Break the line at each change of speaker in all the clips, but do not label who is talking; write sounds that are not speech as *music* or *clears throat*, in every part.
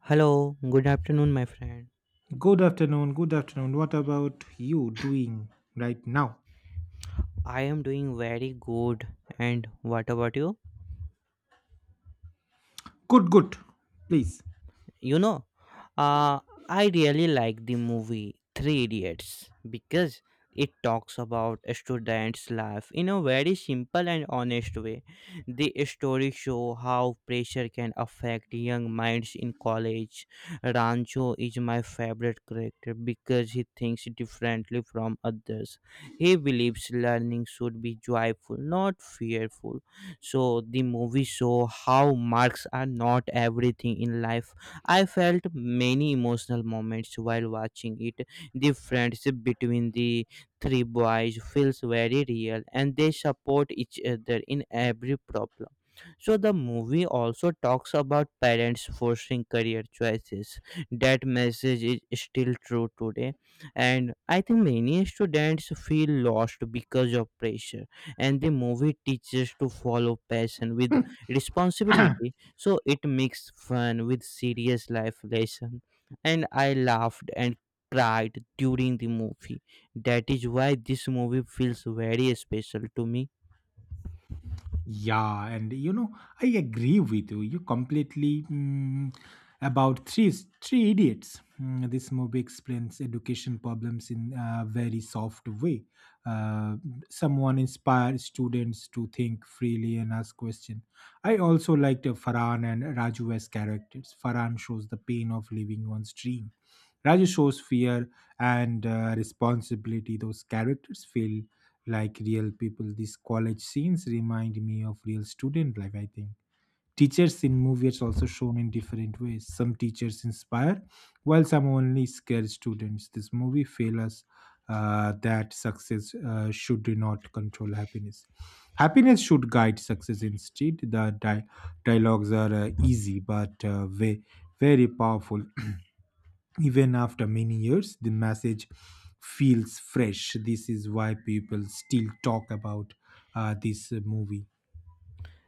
Hello, good afternoon, my friend.
Good afternoon. Good afternoon. What about you doing right now?
I am doing very good. And what about you?
Good, good. Please.
You know, uh, I really like the movie Three Idiots because it talks about a student's life in a very simple and honest way. The story show how pressure can affect young minds in college. Rancho is my favorite character because he thinks differently from others. He believes learning should be joyful, not fearful, so the movie show how marks are not everything in life. I felt many emotional moments while watching it. The friendship between the three boys feels very real, and they support each other in every problem. So the movie also talks about parents forcing career choices. That message is still true today, and I think many students feel lost because of pressure, and the movie teaches to follow passion with
*clears throat*
responsibility, so it mixed fun with serious life lesson, and I laughed and cried during the movie. That is why this movie feels very special to me.
Yeah, and you know, I agree with you. You completely about three idiots. This movie explains education problems in a very soft way. Uh, Someone inspires students to think freely and ask questions. I also liked Farhan and Raju as characters. Farhan shows the pain of living one's dream. Raju shows fear and responsibility. Those characters feel like real people. These college scenes remind me of real student life, I think. Teachers in movies also shown in different ways. Some teachers inspire, while some only scare students. This movie fails us that success should not control happiness. Happiness should guide success instead. Dialogues are easy but very powerful. Even after many years the message feels fresh. This is why people still talk about this movie.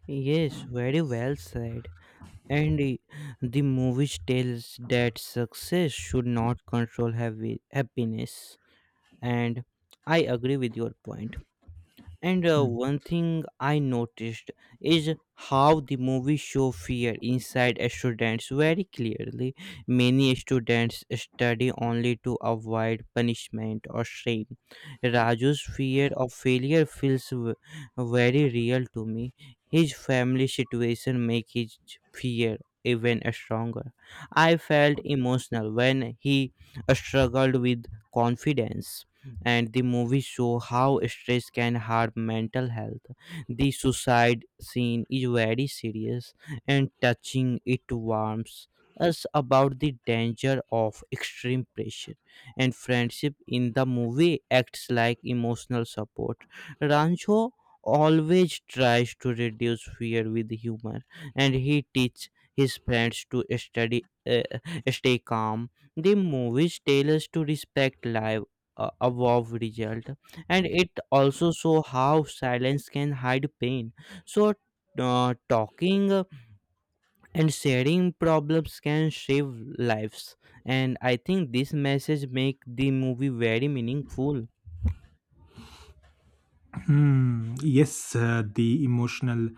Yes, very well said. And the movie tells that success should not control happiness, and I agree with your point. And
Mm.
one thing I noticed is how the movie show fear inside students very clearly. Many students study only to avoid punishment or shame. Raju's fear of failure feels very real to me. His family situation make his fear even stronger. I felt emotional when he struggled with confidence, and the movie show how stress can harm mental health. The suicide scene is very serious and touching. It warns us about the danger of extreme pressure, and friendship in the movie acts like emotional support. Rancho always tries to reduce fear with humor, and he teaches his friends to study, stay calm. The movies tell us to respect life, a wow result, and it also show how silence can hide pain, so talking and sharing problems can save lives. And I think this message make the movie very meaningful. *laughs*
Hmm, yes, the emotional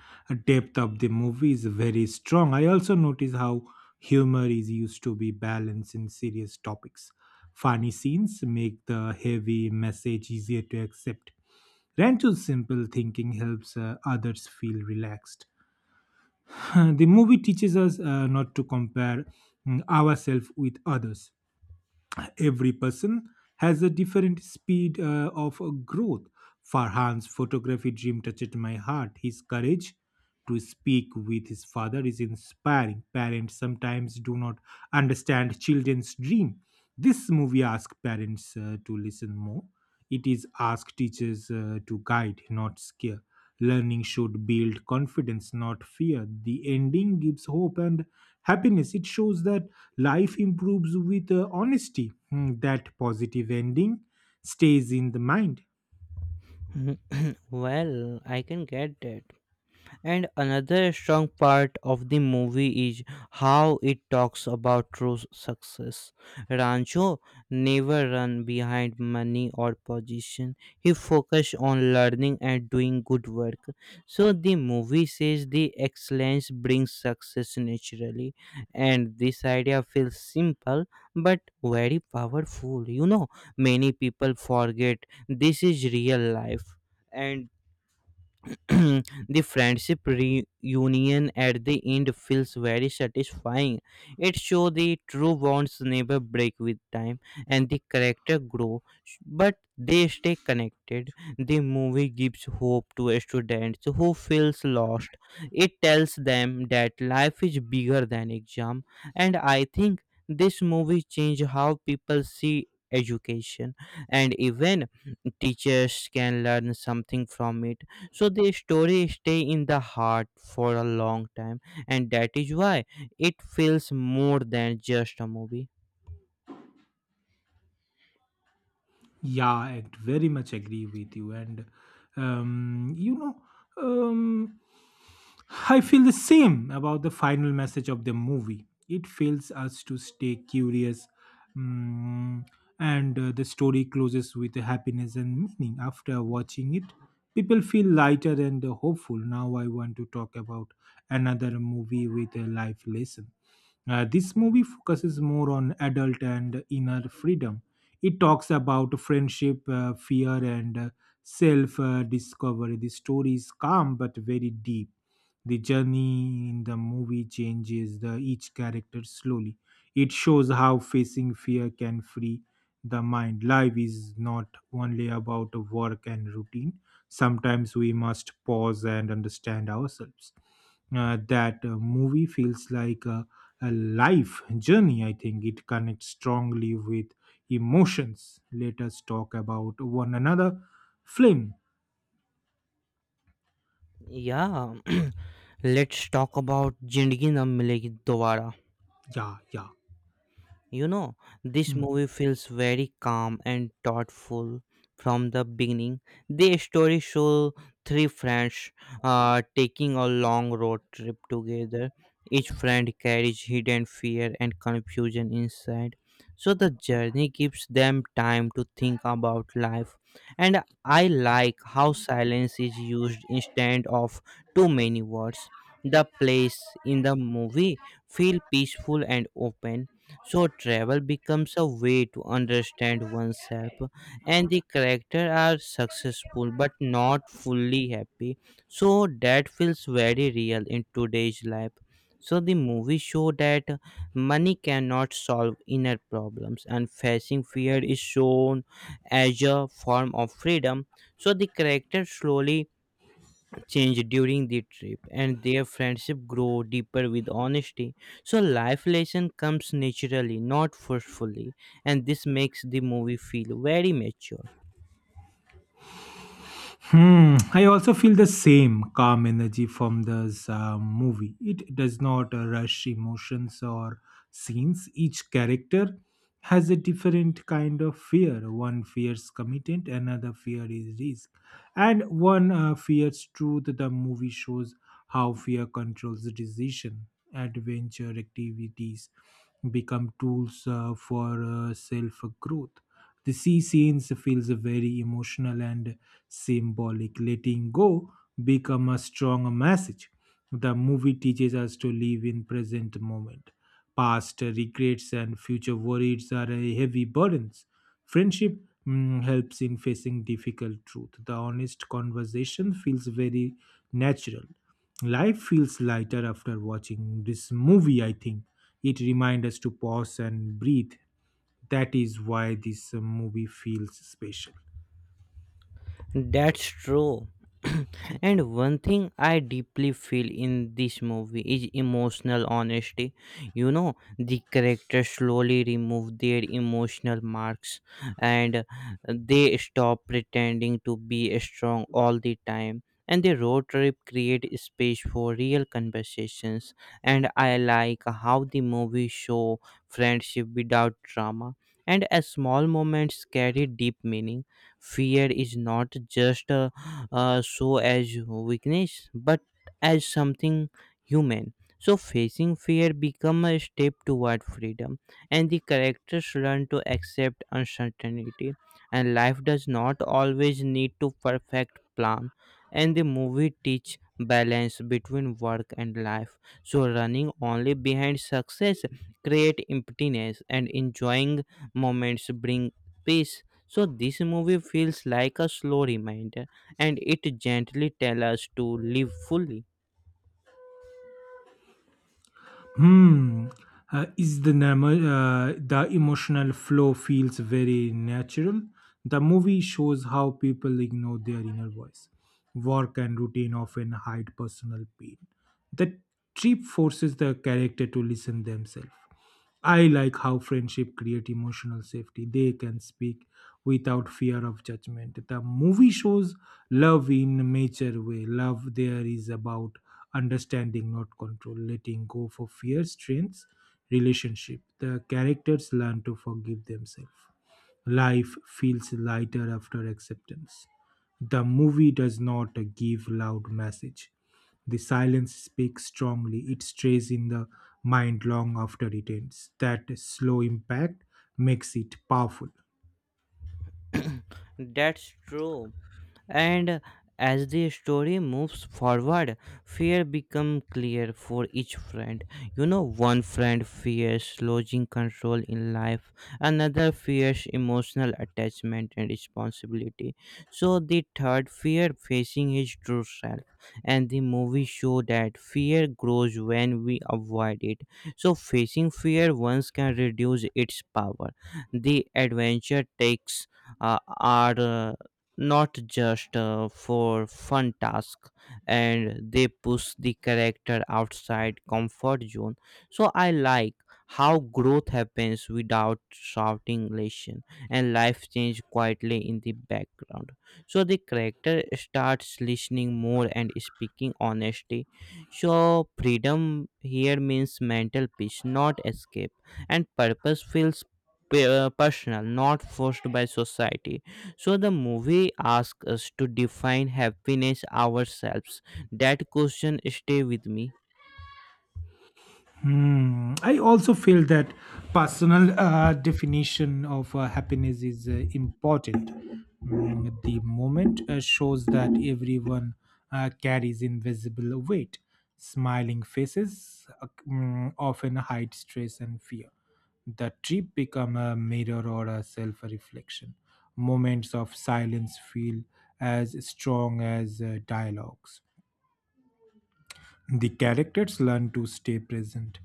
depth of the movie is very strong. I also notice how humor is used to be balanced in serious topics. Funny scenes make the heavy message easier to accept. Rancho's simple thinking helps others feel relaxed. *clears throat* *laughs* The movie teaches us not to compare ourselves with others. Every person has a different speed of growth. Farhan's photography dream touched my heart. His courage to speak with his father is inspiring. Parents sometimes do not understand children's dream. This movie asks parents to listen more. It is ask teachers to guide, not scare. Learning should build confidence, not fear. The ending gives hope and happiness. It shows that life improves with honesty. That positive ending stays in the mind.
Mhm. Well, I can get that. And another strong part of the movie is how it talks about true success. Rancho never run behind money or position. He focused on learning and doing good work. So the movie says the excellence brings success naturally. And this idea feels simple but very powerful. Many people forget this is real life. And *clears throat* the friendship reunion at the end feels very satisfying. It shows the true bonds never break with time, and the character grow, but they stay connected. The movie gives hope to students who feels lost. It tells them that life is bigger than exam, and I think this movie changed how people see education. And even teachers can learn something from it, so the story stay in the heart for a long time, and that is why it feels more than just a movie.
Yeah, I very much agree with you. And you know, um, I feel the same about the final message of the movie. It fails us to stay curious, mm, and the story closes with happiness and meaning. After watching it, people feel lighter and hopeful. Now, I want to talk about another movie with a life lesson. This movie focuses more on adult and inner freedom. It talks about friendship, fear, and self discovery. The story is calm but very deep. The journey in the movie changes the each character slowly. It shows how facing fear can free the mind. Life is not only about work and routine. Sometimes we must pause and understand ourselves. That movie feels like a life journey, I think. It connects strongly with emotions. Let us talk about one another film.
Yeah, *clears throat* let's talk about Zindagi Na Milegi Dobara.
Yeah, yeah.
You know, this
Hmm.
movie feels very calm and thoughtful from the beginning. The story shows three friends taking a long road trip together. Each friend carries hidden fear and confusion inside. So the journey gives them time to think about life. And I like how silence is used instead of too many words. The place in the movie feel peaceful and open, so travel becomes a way to understand oneself, and the character are successful but not fully happy. So that feels very real in today's life. So the movie show that money cannot solve inner problems, and facing fear is shown as a form of freedom. So the character slowly change during the trip, and their friendship grow deeper with honesty, so life lesson comes naturally, not forcefully. And this makes the movie feel very mature.
Hmm. I also feel the same calm energy from this movie. It does not rush emotions or scenes. Each character has a different kind of fear. One fears commitment, another fear is risk, and one fears truth. The movie shows how fear controls the decision. Adventure activities become tools for self growth. The sea scenes feels very emotional and symbolic. Letting go become a strong message. The movie teaches us to live in present moment. Past regrets and future worries are a heavy burdens. Friendship helps in facing difficult truth. The honest conversation feels very natural. Life feels lighter after watching this movie, I think. It reminds us to pause and breathe. That is why this movie feels special.
That's true. *clears throat* And one thing I deeply feel in this movie is emotional honesty. The characters slowly remove their emotional marks, and they stop pretending to be strong all the time. And the road trip create space for real conversations. And I like how the movie show friendship without drama. And a small moments carry deep meaning. Fear is not just so as weakness but as something human, so facing fear become a step toward freedom, and the characters learn to accept uncertainty, and life does not always need to perfect plan. And the movie teach balance between work and life, so running only behind success create emptiness, and enjoying moments bring peace. So this movie feels like a slow reminder, and it gently tells us to live fully.
Hmm. Is the normal, the emotional flow feels very natural. The movie shows how people ignore their inner voice. Work and routine often hide personal pain. The trip forces the character to listen themselves. I like how friendship create emotional safety. They can speak without fear of judgment. The movie shows love in mature way. Love there is about understanding, not control, letting go for fear, strengths, relationship. The characters learn to forgive themselves. Life feels lighter after acceptance. The movie does not give loud message. The silence speaks strongly. It stays in the mind long after it ends. That slow impact makes it powerful.
*clears throat* That's true. And as the story moves forward, fear become clear for each friend. One friend fears losing control in life, another fears emotional attachment and responsibility, so the third fear facing his true self. And the movie show that fear grows when we avoid it, so facing fear once can reduce its power. The adventure takes are not just for fun task, and they push the character outside comfort zone. So I like how growth happens without shouting lesson, and life change quietly in the background, so the character starts listening more and speaking honesty. So freedom here means mental peace, not escape, and purpose feels personal, not forced by society. So the movie asks us to define happiness ourselves. That question stay with me.
Hmm. I also feel that personal definition of happiness is important. The moment shows that everyone carries invisible weight. Smiling faces often hide stress and fear. The trip become a mirror or a self-reflection. Moments of silence feel as strong as dialogues. The characters learn to stay present.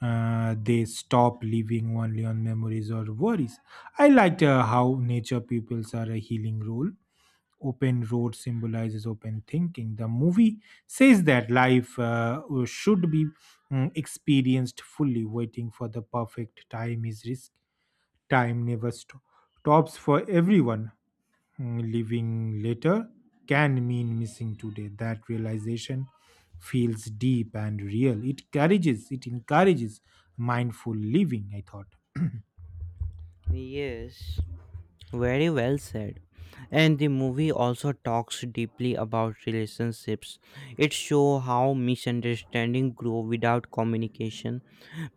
They stop living only on memories or worries. I liked how nature peoples are a healing role. Open road symbolizes open thinking. The movie says that life should be experienced fully. Waiting for the perfect time is risk. Time never sto- stops for everyone. Leaving later can mean missing today. That realization feels deep and real. It encourages mindful living, I thought.
Yes. Very well said. And the movie also talks deeply about relationships. It shows how misunderstanding grow without communication.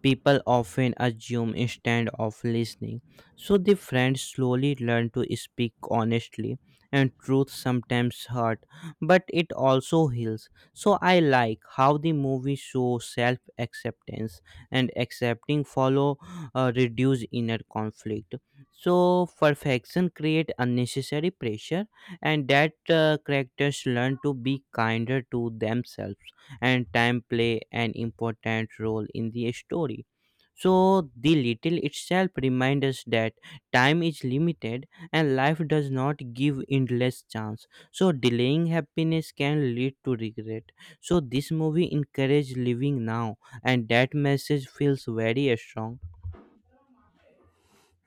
People often assume instead of listening. So the friends slowly learn to speak honestly, and truth sometimes hurt, but it also heals. So I like how the movie shows self acceptance, and accepting follow reduce inner conflict. So perfection create unnecessary pressure, and that characters learn to be kinder to themselves, and time play an important role in the story. So the little itself reminds us that time is limited, and life does not give endless chance. So delaying happiness can lead to regret. So this movie encourages living now, and that message feels very strong.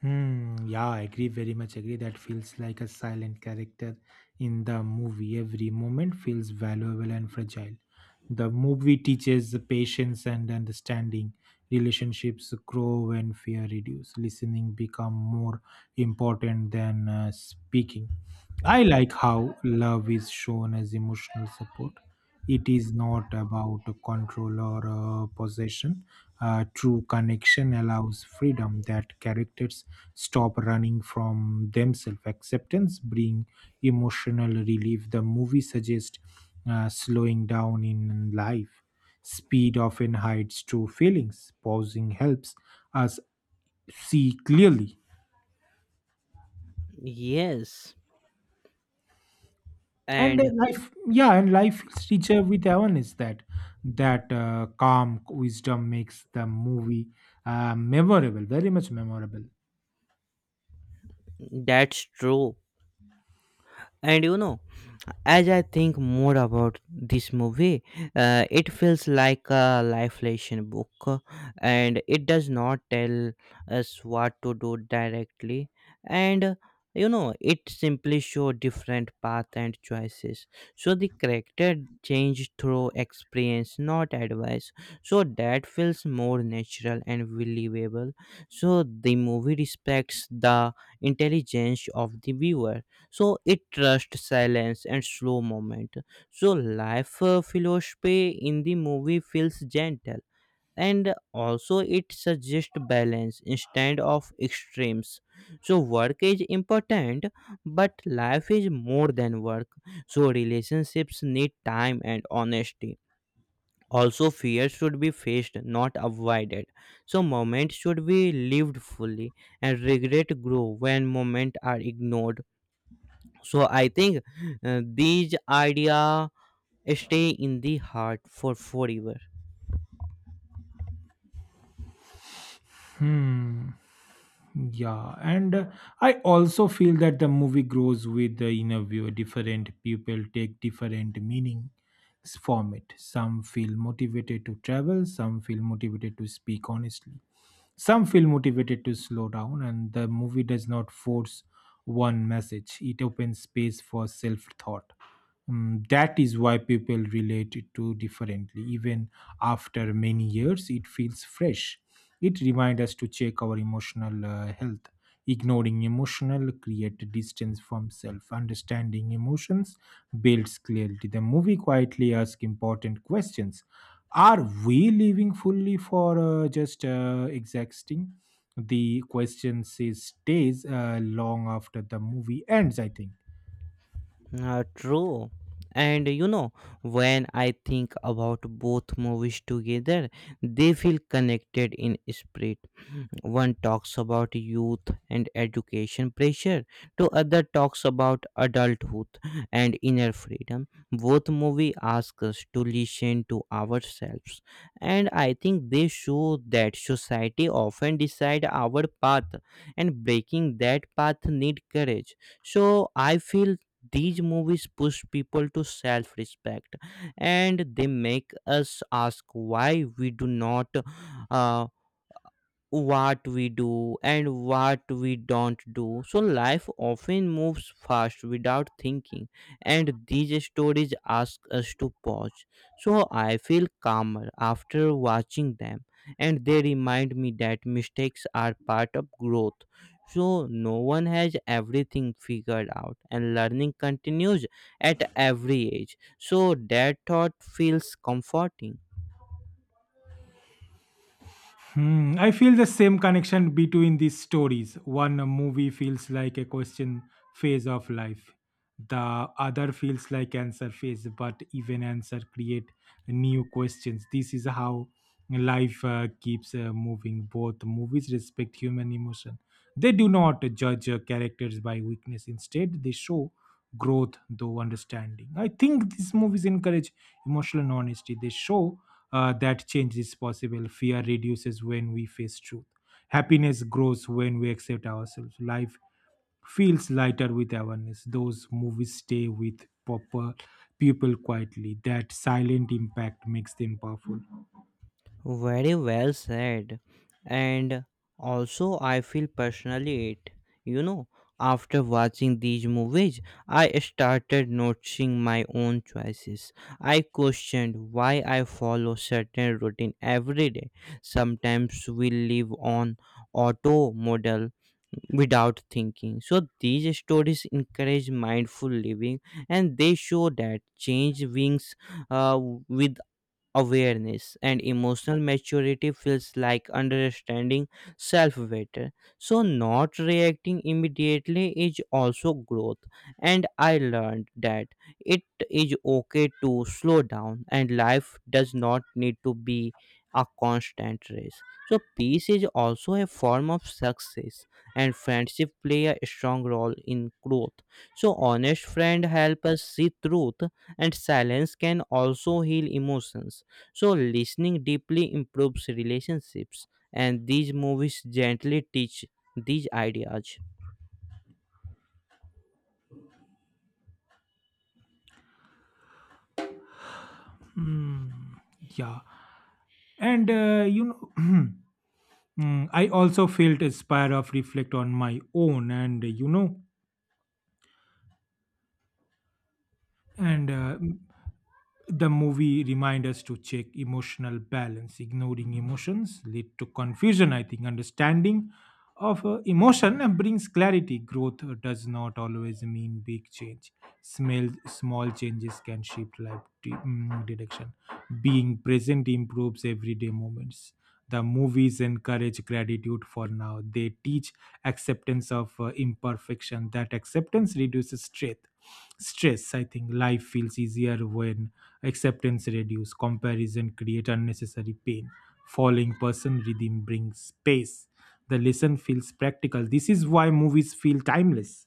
Hmm, yeah, I agree, very much agree. That feels like a silent character in the movie. Every moment feels valuable and fragile. The movie teaches the patience and understanding. Relationships grow when fear reduces. Listening become more important than speaking. I like how love is shown as emotional support. It is not about control or possession. True connection allows freedom that characters stop running from themselves. Acceptance bring emotional relief. The movie suggests slowing down in life. Speed often hides true feelings. Pausing helps us see clearly.
Yes,
And
and
uh, life. Yeah, and life feels richer with awareness. That calm wisdom makes the movie memorable, very much memorable.
that's true. And as I think more about this movie, it feels like a life lesson book, and it does not tell us what to do directly, and it simply show different paths and choices. So the character change through experience, not advice. So that feels more natural and believable. So the movie respects the intelligence of the viewer, so it trusts silence and slow moment. So life philosophy in the movie feels gentle, and also it suggests balance instead of extremes. So work is important, but life is more than work. So relationships need time and honesty. Also fear should be faced, not avoided. So moments should be lived fully, and regret grow when moments are ignored. So I think these idea stay in the heart for forever.
Hmm. Yeah, and I also feel that the movie grows with the interview. Different people take different meanings from it. Some feel motivated to travel, some feel motivated to speak honestly, some feel motivated to slow down, and the movie does not force one message. It opens space for self thought. That is why people relate it to differently. Even after many years, it feels fresh. It reminds us to check our emotional health. Ignoring emotional create distance from self. Understanding emotions builds clarity. The movie quietly asks important questions. Are we living fully for just existing? The question stays long after the movie ends, I think.
True. And when I think about both movies together, they feel connected in spirit. One talks about youth and education pressure, to other talks about adulthood and inner freedom. Both movie ask us to listen to ourselves, and I think they show that society often decide our path, and breaking that path need courage. So I feel these movies push people to self-respect, and they make us ask why we do not, uh, what we do and what we don't do. So life often moves fast without thinking, and these stories ask us to pause. So I feel calmer after watching them, and they remind me that mistakes are part of growth. So no one has everything figured out, and learning continues at every age. So that thought feels comforting.
Hmm, I feel the same connection between these stories. One movie feels like a question phase of life. The other feels like answer phase, but even answer create new questions. This is how life keeps moving. Both movies respect human emotion. They do not judge characters by weakness. Instead, they show growth though understanding. I think these movies encourage emotional honesty. They show that change is possible. Fear reduces when we face truth. Happiness grows when we accept ourselves. Life feels lighter with awareness. Those movies stay with proper people quietly. That silent impact makes them powerful.
Very well said. And also, I feel personally it. You know, After watching these movies, I started noticing my own choices. I questioned why I follow certain routine every day. Sometimes we live on auto model without thinking. So these stories encourage mindful living, and they show that change wings uh, with awareness, and emotional maturity feels like understanding self better. So not reacting immediately is also growth, and I learned that it is okay to slow down, and life does not need to be a constant race. So peace is also a form of success, and friendship play a strong role in growth. So honest friend help us see truth, and silence can also heal emotions. So listening deeply improves relationships, and these movies gently teach these ideas.
Hmm, yeah and you know, *clears throat* I also felt inspired of reflect on my own. And And uh, the movie reminds us to check emotional balance. Ignoring emotions lead to confusion, I think. Understanding of emotion brings clarity. Growth does not always mean big change. Small changes can shift life direction. Being present improves everyday moments. The movies encourage gratitude for now. They teach acceptance of imperfection. That acceptance reduces stress. Stress, I think, life feels easier when acceptance reduces. Comparison create unnecessary pain. Falling person rhythm brings space. The lesson feels practical. This is why movies feel timeless.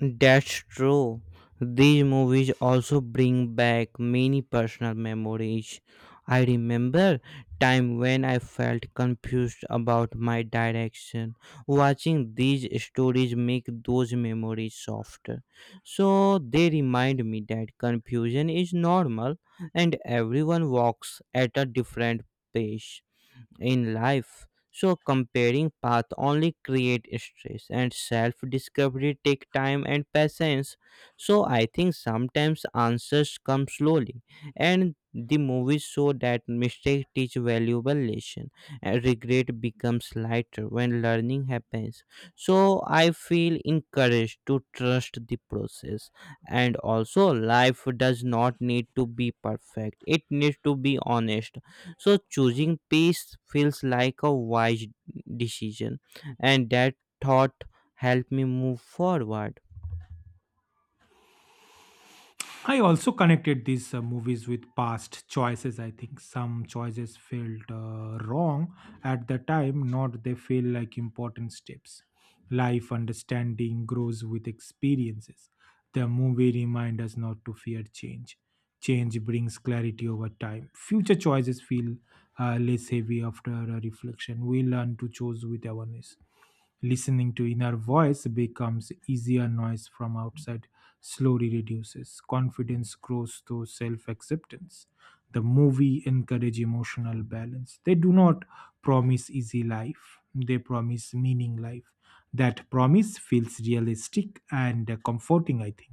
That's true. These movies also bring back many personal memories. I remember time when I felt confused about my direction. Watching these stories make those memories softer. So they remind me that confusion is normal, and everyone walks at a different pace in life. So comparing path only create stress, and self discovery take time and patience. So I think sometimes answers come slowly, and the movies show that mistake teach valuable lesson, and regret becomes lighter when learning happens. So I feel encouraged to trust the process, and also life does not need to be perfect. It needs to be honest, so choosing peace feels like a wise decision, and that thought helped me move forward.
I also connected these movies with past choices. I think some choices felt wrong at the time, not they feel like important steps. Life understanding grows with experiences. The movie reminds us not to fear change. Change brings clarity over time. Future choices feel less heavy after a reflection. We learn to choose with awareness. Listening to inner voice becomes easier, noise from outside slowly reduces. Confidence grows through self acceptance. The movie encourage emotional balance. They do not promise easy life. They promise meaning life. That promise feels realistic and comforting, I think.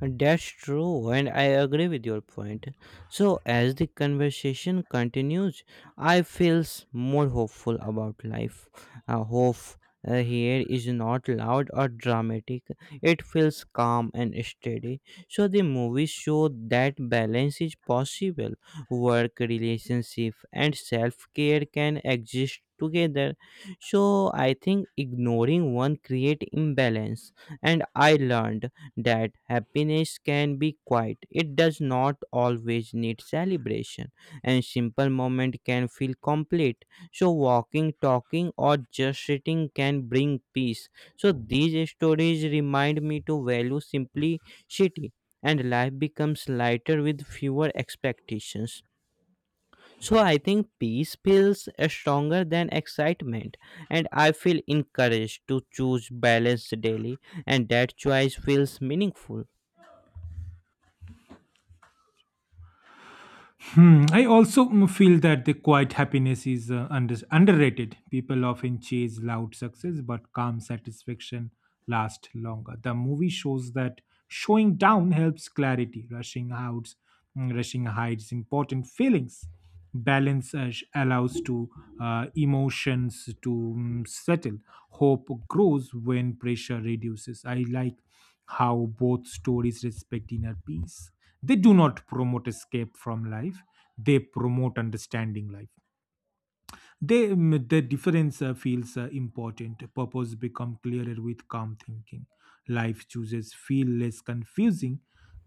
That's true, and I agree with your point. So, as the conversation continues, I feels more hopeful about life. Hope here is not loud or dramatic; it feels calm and steady. So, the movies show that balance is possible. Work, relationship, and self-care can exist together. So, I think ignoring one create imbalance, and I learned that happiness can be quiet. It does not always need celebration, and simple moment can feel complete. So walking, talking, or just sitting can bring peace. So these stories remind me to value simplicity, and life becomes lighter with fewer expectations. So I think peace feels stronger than excitement, and I feel encouraged to choose balance daily, and that choice feels meaningful.
Hmm. I also feel that the quiet happiness is underrated. People often chase loud success, but calm satisfaction lasts longer. The movie shows that showing down helps clarity. Rushing hides important feelings. Balance allows to emotions to settle. Hope grows when pressure reduces. I like how both stories respect inner peace. They do not promote escape from life. They promote understanding life. The difference feels important. Purpose become clearer with calm thinking. Life chooses feel less confusing.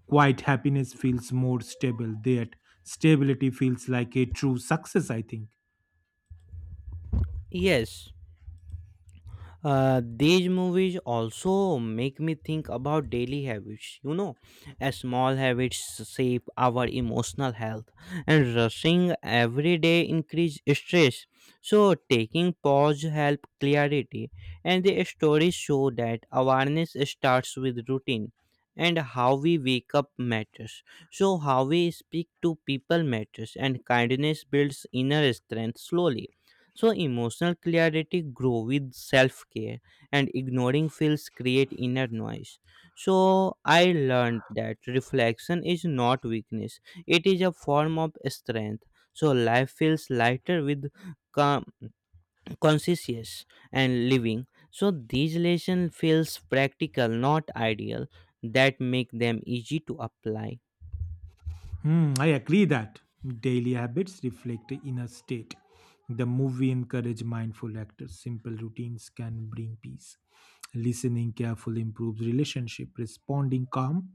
Quiet happiness feels more stable. That stability feels like a true success, I think.
Yes, these movies also make me think about daily habits. You know, as small habits shape our emotional health, and rushing every day increase stress. So taking pause help clarity, and the stories show that awareness starts with routine, and how we wake up matters. So how we speak to people matters, and kindness builds inner strength slowly, so emotional clarity grow with self-care, and ignoring feels create inner noise. So I learned that reflection is not weakness. It is a form of strength. So life feels lighter with com- conscious and living. So these lesson feels practical, not ideal, that make them easy to apply.
Hmm, I agree that daily habits reflect the inner state. The movie encourage mindful actors. Simple routines can bring peace. Listening carefully improves relationship. Responding calmly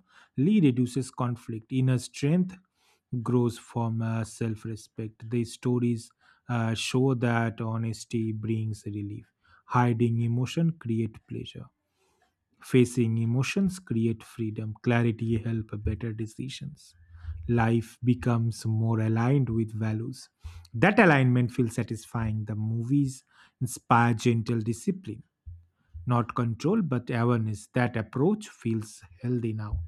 reduces conflict. Inner strength grows from self-respect. The stories show that honesty brings relief. Hiding emotion create pleasure. Facing emotions create freedom. Clarity help better decisions. Life becomes more aligned with values. That alignment feels satisfying. The movies inspire gentle discipline, not control but awareness. That approach feels healthy now.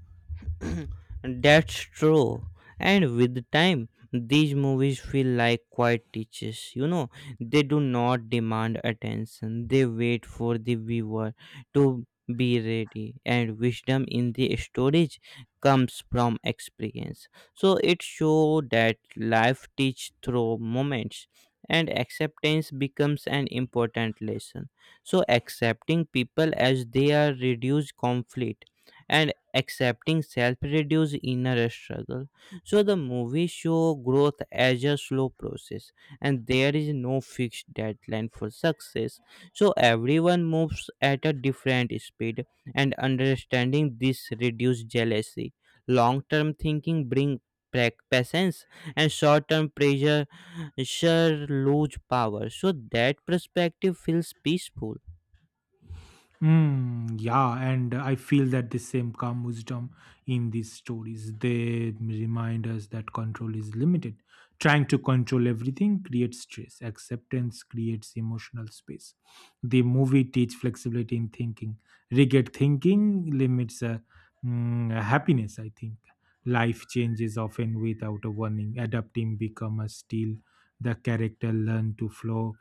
*clears throat* That's true. And with time, these movies feel like quiet teachers. You know, they do not demand attention. They wait for the viewer to be ready. And wisdom in the storage comes from experience. So it shows that life teaches through moments. And acceptance becomes an important lesson. So accepting people as they are reduces conflict. And accepting self-reduced inner struggle, so the movie show growth as a slow process, and there is no fixed deadline for success, so everyone moves at a different speed, and understanding this reduces jealousy. Long-term thinking bring patience, and short-term pressure sure lose power, so that perspective feels peaceful.
Mm, yeah, and I feel that the same calm wisdom in these stories. They remind us that control is limited. Trying to control everything creates stress. Acceptance creates emotional space. The movie teach flexibility in thinking. Rigid thinking limits happiness. I think life changes often without a warning. Adapting become a skill. The character learn to flow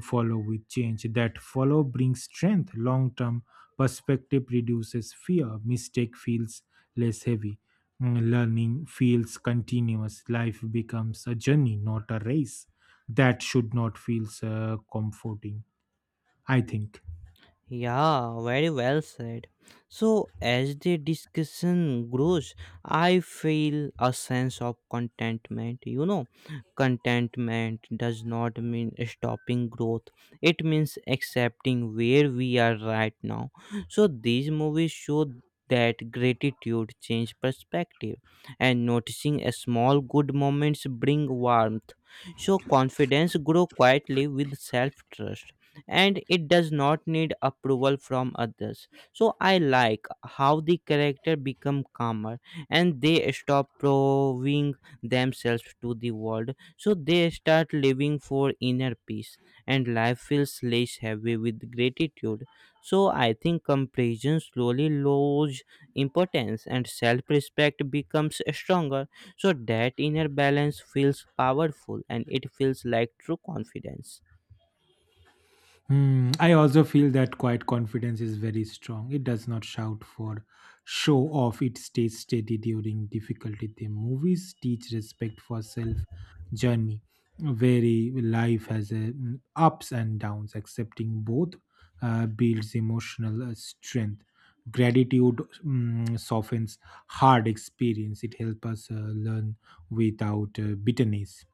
follow with change. That follow brings strength. Long term perspective reduces fear. Mistake feels less heavy. Mm, learning feels continuous. Life becomes a journey, not a race. That should not feel comforting, I think.
Yeah, very well said. So, as the discussion grows, I feel a sense of contentment. You know, contentment does not mean stopping growth, it means accepting where we are right now. So, these movies show that gratitude change perspective, and noticing a small good moments bring warmth, so confidence grow quietly with self trust, and it does not need approval from others. So I like how the character become calmer, and they stop proving themselves to the world, so they start living for inner peace, and life feels less heavy with gratitude. So I think comparison slowly lose importance, and self-respect becomes stronger, so that inner balance feels powerful, and it feels like true confidence.
Hmm, I also feel that quiet confidence is very strong. It does not shout for show off, it stays steady during difficulty. The movies teach respect for self journey. Very life has a, mm, ups and downs. Accepting both builds emotional strength. Gratitude, mm, softens hard experience. It helps us learn without bitterness.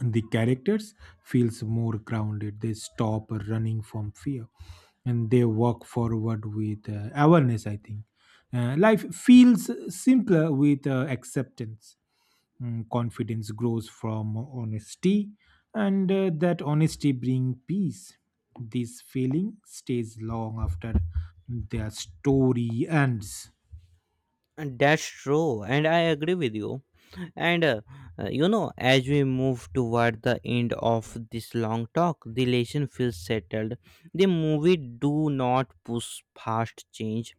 The characters feels more grounded. They stop running from fear, and they walk forward with awareness, I think. Life feels simpler with acceptance. Mm, confidence grows from honesty, and that honesty brings peace. This feeling stays long after their story ends.
And that's true, and I agree with you. And You know, as we move toward the end of this long talk, the lesson feels settled. The movie do not push past change,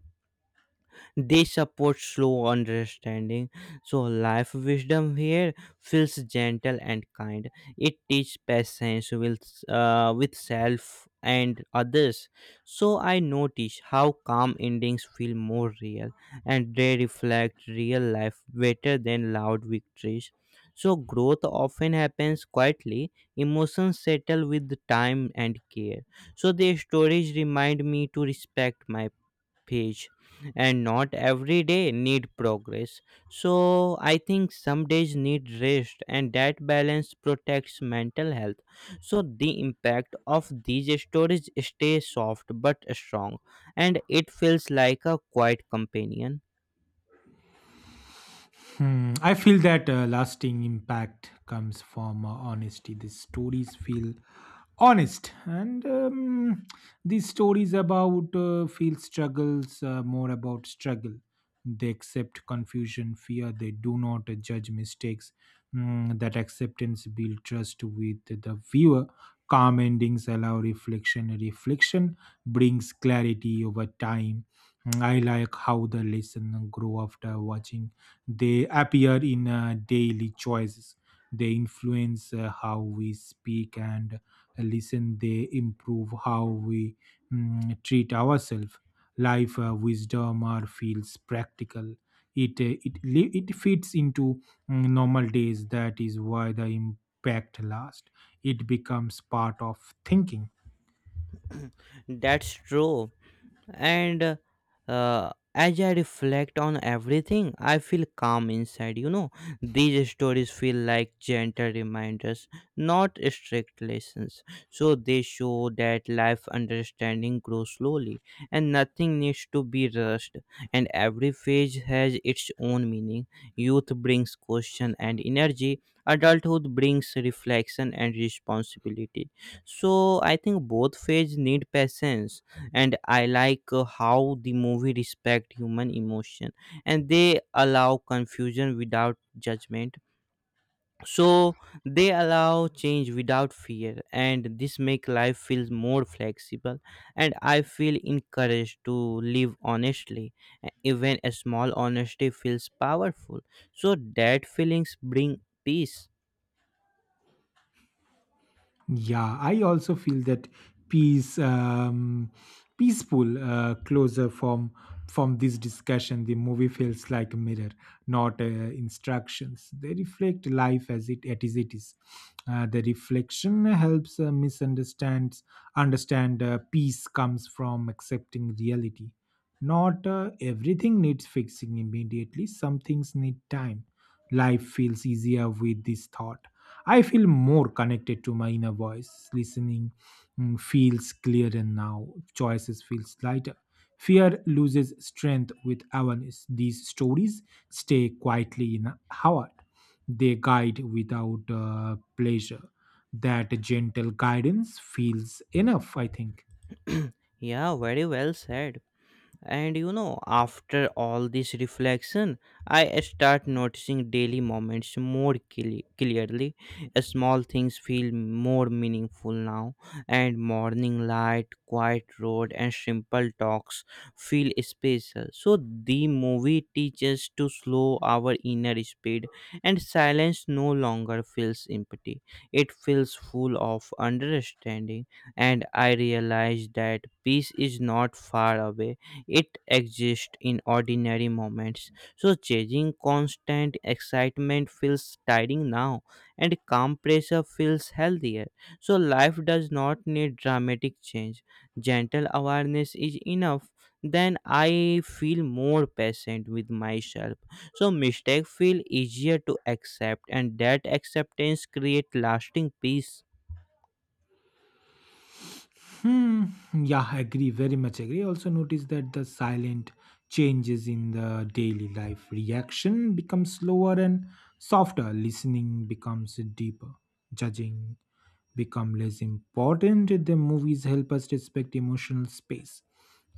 they support slow understanding. So life wisdom here feels gentle and kind. It teaches patience with self and others. So I notice how calm endings feel more real, and they reflect real life better than loud victories. So growth often happens quietly. Emotions settle with time and care. So their stories remind me to respect my page, and not every day need progress. So I think some days need rest, and that balance protects mental health, so the impact of these stories stay soft but strong, and it feels like a quiet companion.
Hmm. I feel that lasting impact comes from honesty. These stories feel honest, and these stories about feel struggles more about struggle. They accept confusion, fear. They do not judge mistakes. Mm, that acceptance build trust with the viewer. Calm endings allow reflection. Reflection brings clarity over time. Hmm. I like how the lesson grow after watching they appear in daily choices. They influence how we speak and listen. They improve how we, mm, treat ourselves. Life wisdom or feels practical. It fits into, mm, normal days. That is why the impact lasts. It becomes part of thinking.
*clears throat* That's true, and uh, as I reflect on everything I feel calm inside. You know, these stories feel like gentle reminders, not strict lessons, so they show that life understanding grows slowly, and nothing needs to be rushed, and every phase has its own meaning. Youth brings question and energy, adulthood brings reflection and responsibility, so I think both phases need patience, and I like how the movie respect human emotion, and they allow confusion without judgment. So they allow change without fear, and this make life feels more flexible, and I feel encouraged to live honestly. Even a small honesty feels powerful, so that feelings bring peace.
Yeah, I also feel that peace, peaceful closer from this discussion. The movie feels like a mirror, not instructions. They reflect life as it is. The reflection helps misunderstand understand peace comes from accepting reality. Not everything needs fixing immediately. Some things need time. Life feels easier with this thought. I feel more connected to my inner voice. Listening, mm, feels clearer now. Choices feels lighter. Fear loses strength with awareness. These stories stay quietly in our heart. They guide without pleasure. That gentle guidance feels enough, I think.
*clears throat* Yeah, very well said. And you know, after all this reflection, I start noticing daily moments more clearly. Small things feel more meaningful now, and morning light, quiet road, and simple talks feel special. So, the movie teaches to slow our inner speed, and silence no longer feels empty. It feels full of understanding, and I realize that peace is not far away, it exists in ordinary moments. So, chasing constant excitement feels tiring now, and calm pressure feels healthier. So, life does not need dramatic change. Gentle awareness is enough. Then I feel more patient with myself. So, mistakes feel easier to accept, and that acceptance creates lasting peace.
Hmm. Yeah, agree. Very much agree. Also, notice that the silent changes in the daily life reaction becomes slower and softer. Listening becomes deeper. Judging become less important. The movies help us respect emotional space.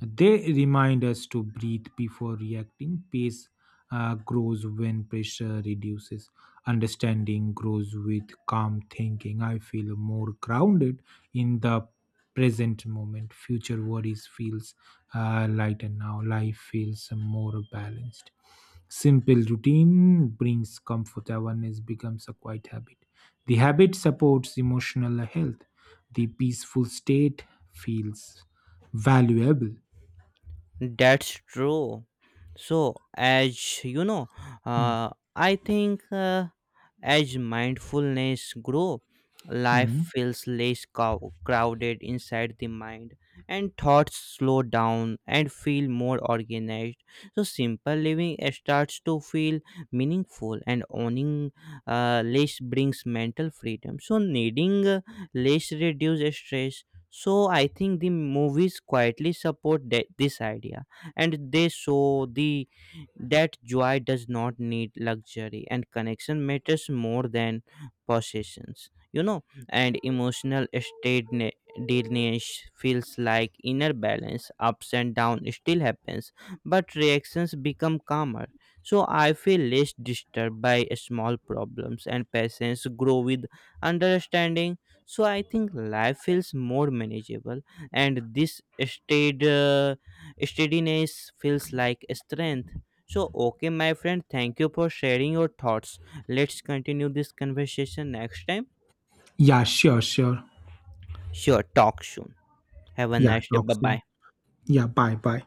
They remind us to breathe before reacting. Pace grows when pressure reduces. Understanding grows with calm thinking. I feel more grounded in the present moment. Future worries feels lighter now. Life feels more balanced. Simple routine brings comfort. Awareness becomes a quiet habit. The habit supports emotional health. The peaceful state feels valuable.
That's true. So, as you know,
Mm.
I think as mindfulness grow, life
Mm.
feels less crowded inside the mind, and thoughts slow down and feel more organized. So, simple living starts to feel meaningful, and owning less brings mental freedom. So, needing less reduces stress. So I think the movies quietly support this idea, and they show the that joy does not need luxury, and connection matters more than possessions. You know, and emotional steadiness feels like inner balance. Ups and downs still happens, but reactions become calmer. So I feel less disturbed by small problems, and patience grow with understanding, so I think life feels more manageable, and this steadiness feels like strength. So okay my friend, thank you for sharing your thoughts. Let's continue this conversation next time.
Yeah, sure, sure.
Sure, talk soon. Have a
Yeah,
nice day.
talk
Bye
soon.
bye.
Yeah, bye, bye.